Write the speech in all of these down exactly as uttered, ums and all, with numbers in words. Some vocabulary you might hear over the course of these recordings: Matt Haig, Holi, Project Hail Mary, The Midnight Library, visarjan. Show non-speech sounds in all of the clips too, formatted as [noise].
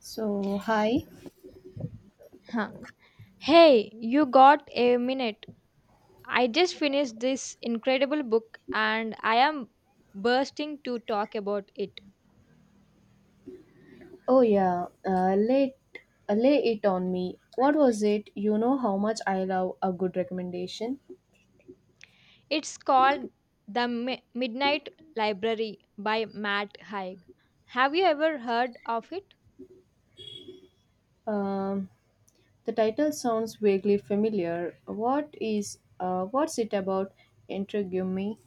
So, hi. Huh. Hey, you got a minute? I just finished this incredible book and I am bursting to talk about it. Oh yeah, uh, lay uh, Lay it on me. What was it? You know how much I love a good recommendation. It's called The Mi- Midnight Library by Matt Haig. Have you ever heard of it? Um, the title sounds vaguely familiar. What is uh, what's it about? Intrigue me.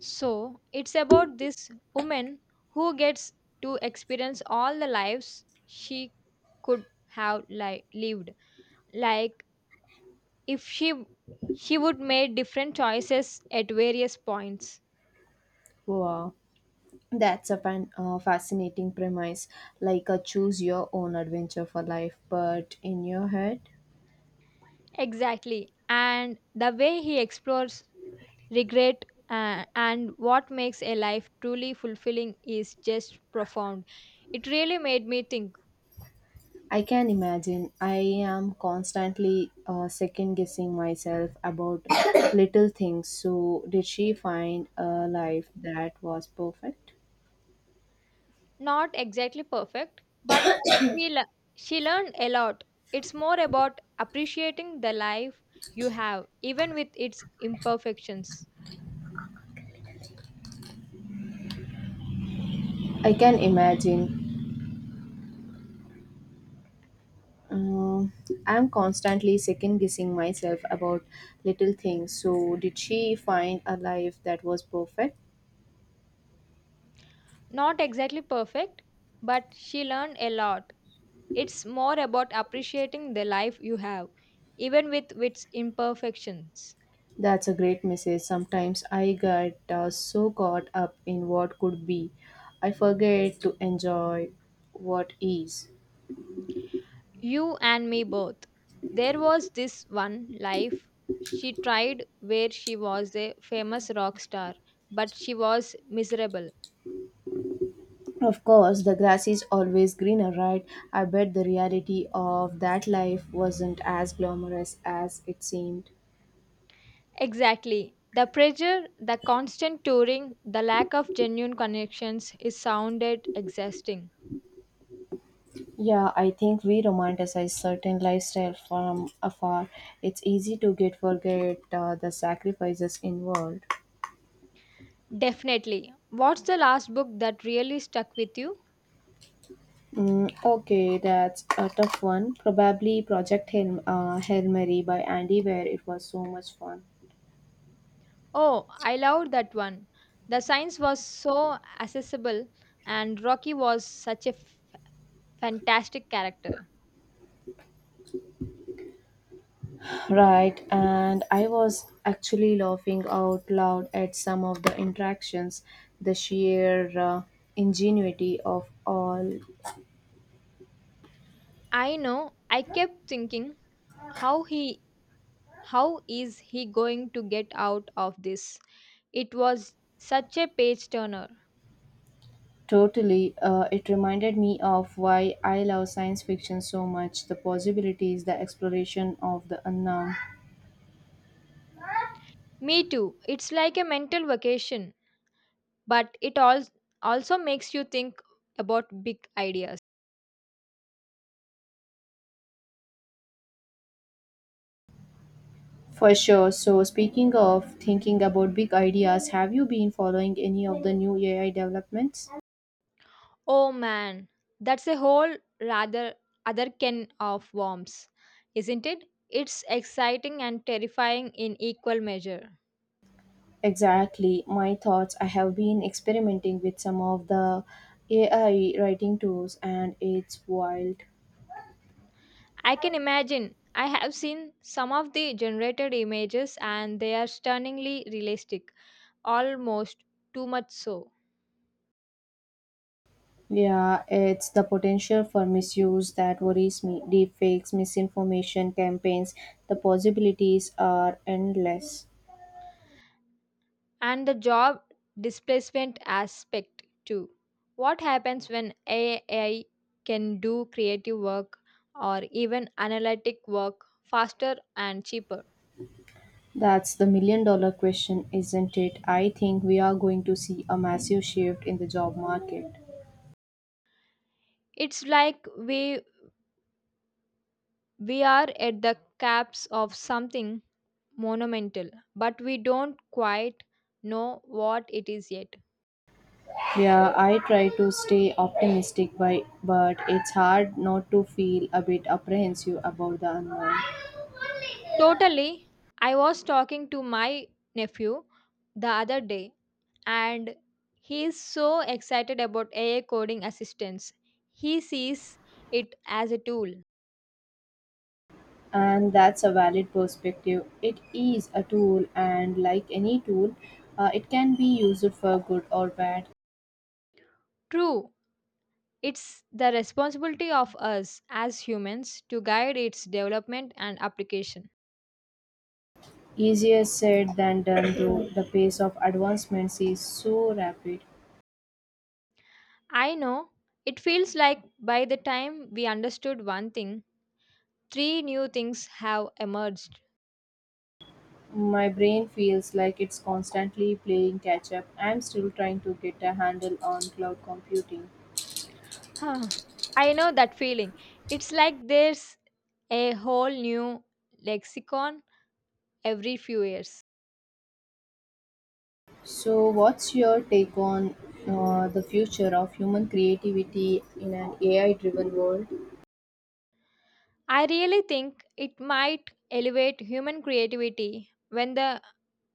So, it's about this woman who gets to experience all the lives she could have li- lived. Like if she she would make different choices at various points. Wow, that's a fan, uh, fascinating premise. Like a choose your own adventure for life, but in your head. Exactly. And the way he explores regret uh, and what makes a life truly fulfilling is just profound. It really made me think. I can imagine. I am constantly uh, second guessing myself about [coughs] little things. So, did she find a life that was perfect? Not exactly perfect, but he le- she learned a lot. It's more about appreciating the life you have, even with its imperfections. I can imagine. Um, I'm constantly second guessing myself about little things. So, did she find a life that was perfect? Not exactly perfect, but she learned a lot. It's more about appreciating the life you have, even with its imperfections. That's a great message. Sometimes I get uh, so caught up in what could be, I forget to enjoy what is. You and me both. There was this one life she tried where she was a famous rock star, but she was miserable. Of course, the grass is always greener, right? I bet the reality of that life wasn't as glamorous as it seemed. Exactly. The pressure, the constant touring, the lack of genuine connections is sounded exhausting. Yeah, I think we romanticize certain lifestyle from afar. It's easy to get forget uh, the sacrifices involved. Definitely. What's the last book that really stuck with you? Mm, okay, that's a tough one. Probably Project Hail, uh, Hail Mary by Andy Weir. It was so much fun. Oh, I loved that one. The science was so accessible, and Rocky was such a f- fantastic character. Right, and I was actually laughing out loud at some of the interactions, the sheer uh, ingenuity of all. I know. I kept thinking, how he, how is he going to get out of this? It was such a page turner. Totally, uh, it reminded me of why I love science fiction so much the possibilities, the exploration of the unknown. Me too. It's like a mental vacation, but it all also makes you think about big ideas. For sure. So, speaking of thinking about big ideas, have you been following any of the new A I developments? Oh man, that's a whole rather other can of worms, isn't it? It's exciting and terrifying in equal measure. Exactly, my thoughts. I have been experimenting with some of the A I writing tools and it's wild. I can imagine. I have seen some of the generated images and they are stunningly realistic, almost too much so. Yeah, it's the potential for misuse that worries me. Deepfakes, misinformation campaigns, the possibilities are endless. And the job displacement aspect, too. What happens when A I can do creative work or even analytic work faster and cheaper? That's the million dollar question, isn't it? I think we are going to see a massive shift in the job market. It's like we, we are at the caps of something monumental, but we don't quite know what it is yet. Yeah, I try to stay optimistic, by, but it's hard not to feel a bit apprehensive about the unknown. Totally. I was talking to my nephew the other day, and he is so excited about A I coding assistance. He sees it as a tool. And that's a valid perspective. It is a tool, and like any tool, uh, it can be used for good or bad. True, it's the responsibility of us as humans to guide its development and application. Easier said than done, though the pace of advancements is so rapid. I know it feels like by the time we understood one thing, three new things have emerged. My brain feels like it's constantly playing catch up. I'm still trying to get a handle on cloud computing. Huh, I know that feeling. It's like there's a whole new lexicon every few years. So, what's your take on uh, the future of human creativity in an A I driven world? I really think it might elevate human creativity when the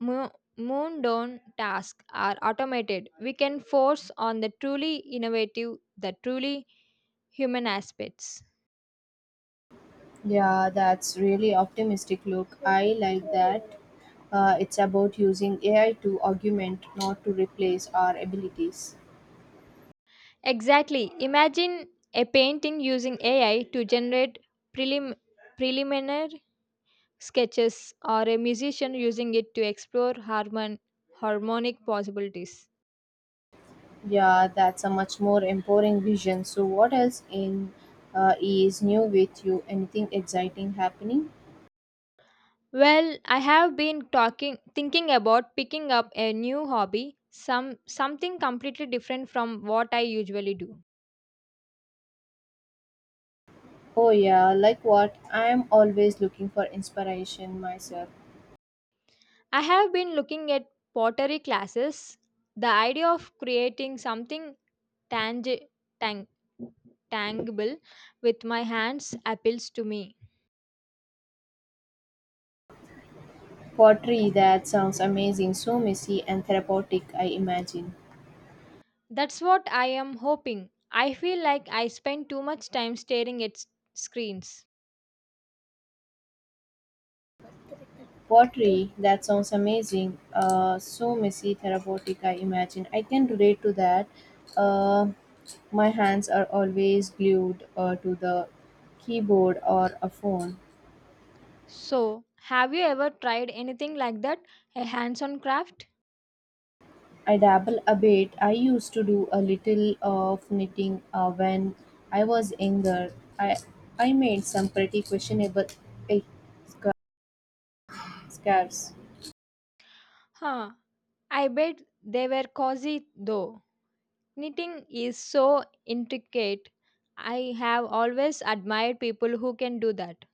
mo- mundane tasks are automated. We can force on the truly innovative, the truly human aspects. Yeah, that's really optimistic look. I like that. Uh, it's about using A I to augment, not to replace our abilities. Exactly. Imagine a painting using A I to generate prelim- preliminary sketches, or a musician using it to explore harmon- harmonic possibilities. Yeah, that's a much more empowering vision. So, what else in uh, is new with you? Anything exciting happening? Well, I have been talking thinking about picking up a new hobby, some something completely different from what I usually do. Oh yeah, like what? I'm always looking for inspiration myself. I have been looking at pottery classes. The idea of creating something tangi- tang- tangible with my hands appeals to me. Pottery, that sounds amazing. So messy and therapeutic, I imagine. That's what I am hoping. I feel like I spend too much time staring at s- screens. Pottery, that sounds amazing. Uh, so messy, therapeutic, I imagine. I can relate to that. Uh, my hands are always glued uh, to the keyboard or a phone. So, have you ever tried anything like that? A hands on craft? I dabble a bit. I used to do a little of knitting uh, when I was younger. I I made some pretty questionable eh, sca- scarves. Huh, I bet they were cozy though. Knitting is so intricate. I have always admired people who can do that.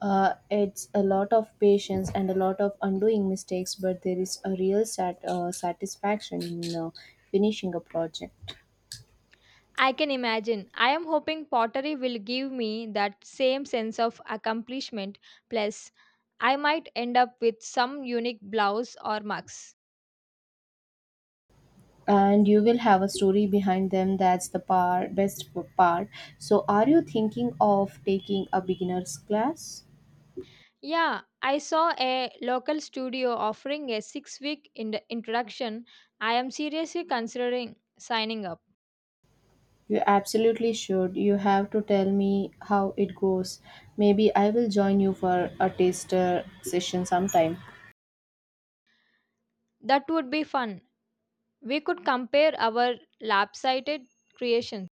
Uh, it's a lot of patience and a lot of undoing mistakes, but there is a real sat- uh, satisfaction in uh, finishing a project. I can imagine. I am hoping pottery will give me that same sense of accomplishment. Plus, I might end up with some unique blouse or mugs. And you will have a story behind them. That's the par- best part. So, are you thinking of taking a beginner's class? Yeah, I saw a local studio offering a six week in introduction. I am seriously considering signing up. You absolutely should. You have to tell me how it goes. Maybe I will join you for a taster session sometime. That would be fun. We could compare our lopsided creations.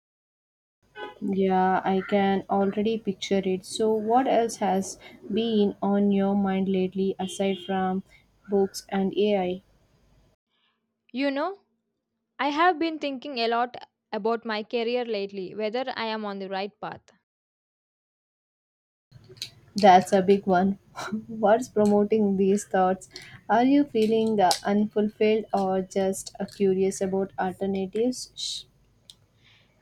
Yeah, I can already picture it. So, what else has been on your mind lately aside from books and A I? You know, I have been thinking a lot about my career lately, whether I am on the right path. That's a big one. [laughs] What's promoting these thoughts? Are you feeling uh, unfulfilled or just uh, curious about alternatives? Sh-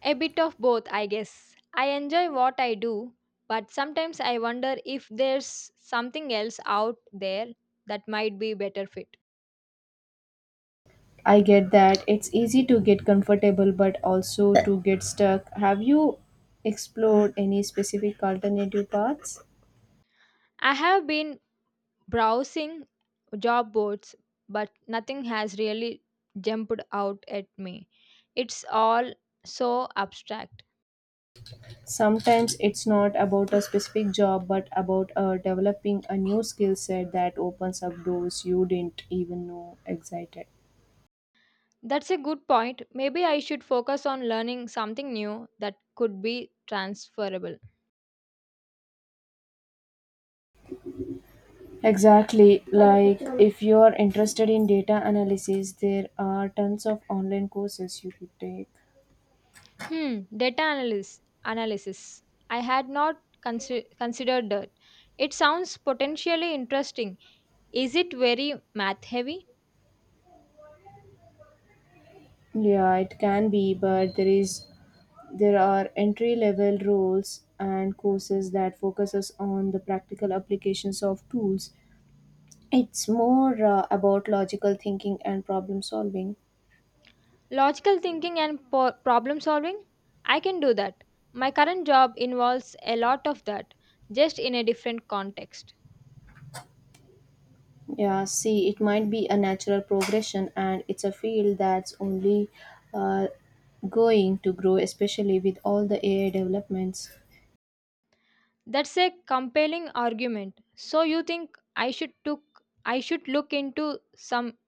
A bit of both, I guess. I enjoy what I do, but sometimes I wonder if there's something else out there that might be better fit. I get that. It's easy to get comfortable but also to get stuck. Have you explored any specific alternative paths? I have been browsing job boards, but nothing has really jumped out at me. It's all so abstract. Sometimes it's not about a specific job, but about uh, developing a new skill set that opens up doors you didn't even know existed. That's a good point. Maybe I should focus on learning something new that could be transferable. Exactly, like if you are interested in data analysis, there are tons of online courses you could take. Hmm, data analysis. Analysis. I had not consi- considered that. It sounds potentially interesting. Is it very math heavy? Yeah, it can be, but there is there are entry level roles and courses that focuses on the practical applications of tools. It's more uh, about logical thinking and problem solving. Logical thinking and po- problem solving? I can do that. My current job involves a lot of that, just in a different context. Yeah, see, it might be a natural progression, and it's a field that's only uh, going to grow, especially with all the A I developments. That's a compelling argument. So you think I should took I should look into some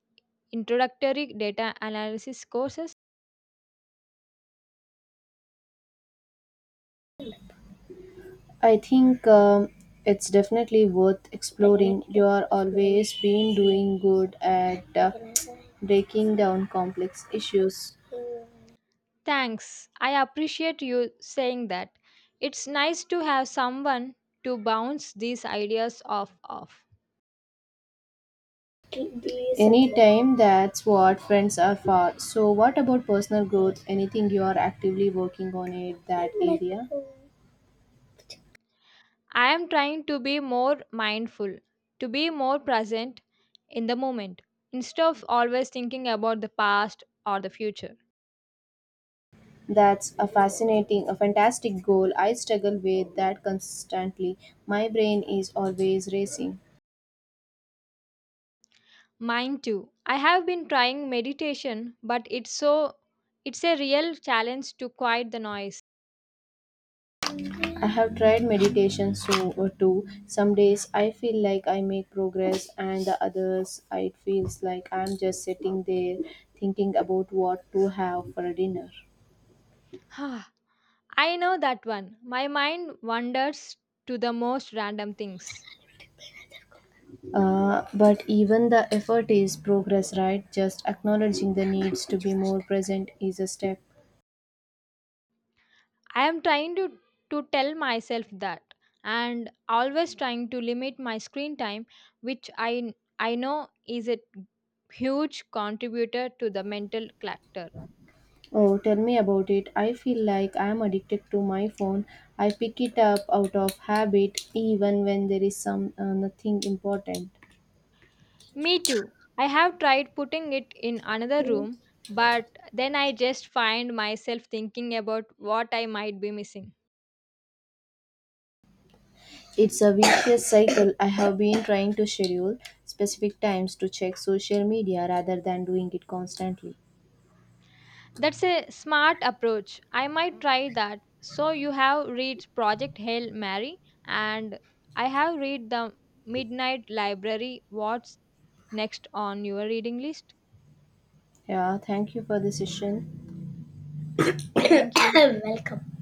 introductory data analysis courses? I think um, It's definitely worth exploring. You are always been doing good at uh, breaking down complex issues. Thanks. I appreciate you saying that. It's nice to have someone to bounce these ideas off of. Anytime that's what friends are for. So, what about personal growth? Anything you are actively working on it that area? I am trying to be more mindful, to be more present in the moment, instead of always thinking about the past or the future. That's a fascinating, a fantastic goal. I struggle with that constantly. My brain is always racing. Mine too. I have been trying meditation, but it's so it's a real challenge to quiet the noise. I have tried meditation so or too. Some days I feel like I make progress and the others it feels like I'm just sitting there thinking about what to have for dinner. [sighs] I know that one. My mind wanders to the most random things. Uh, but even the effort is progress, right? Just acknowledging the needs to be more present is a step. I am trying to to tell myself that and always trying to limit my screen time which I I know is a huge contributor to the mental clutter. Oh, tell me about it. I feel like I am addicted to my phone. I pick it up out of habit even when there is some uh, nothing important. Me too. I have tried putting it in another room but then I just find myself thinking about what I might be missing. It's a vicious cycle. I have been trying to schedule specific times to check social media rather than doing it constantly. That's a smart approach. I might try that. So you have read Project Hail Mary and I have read The Midnight Library. What's next on your reading list? Yeah, thank you for the session. Thank [coughs] you. Welcome.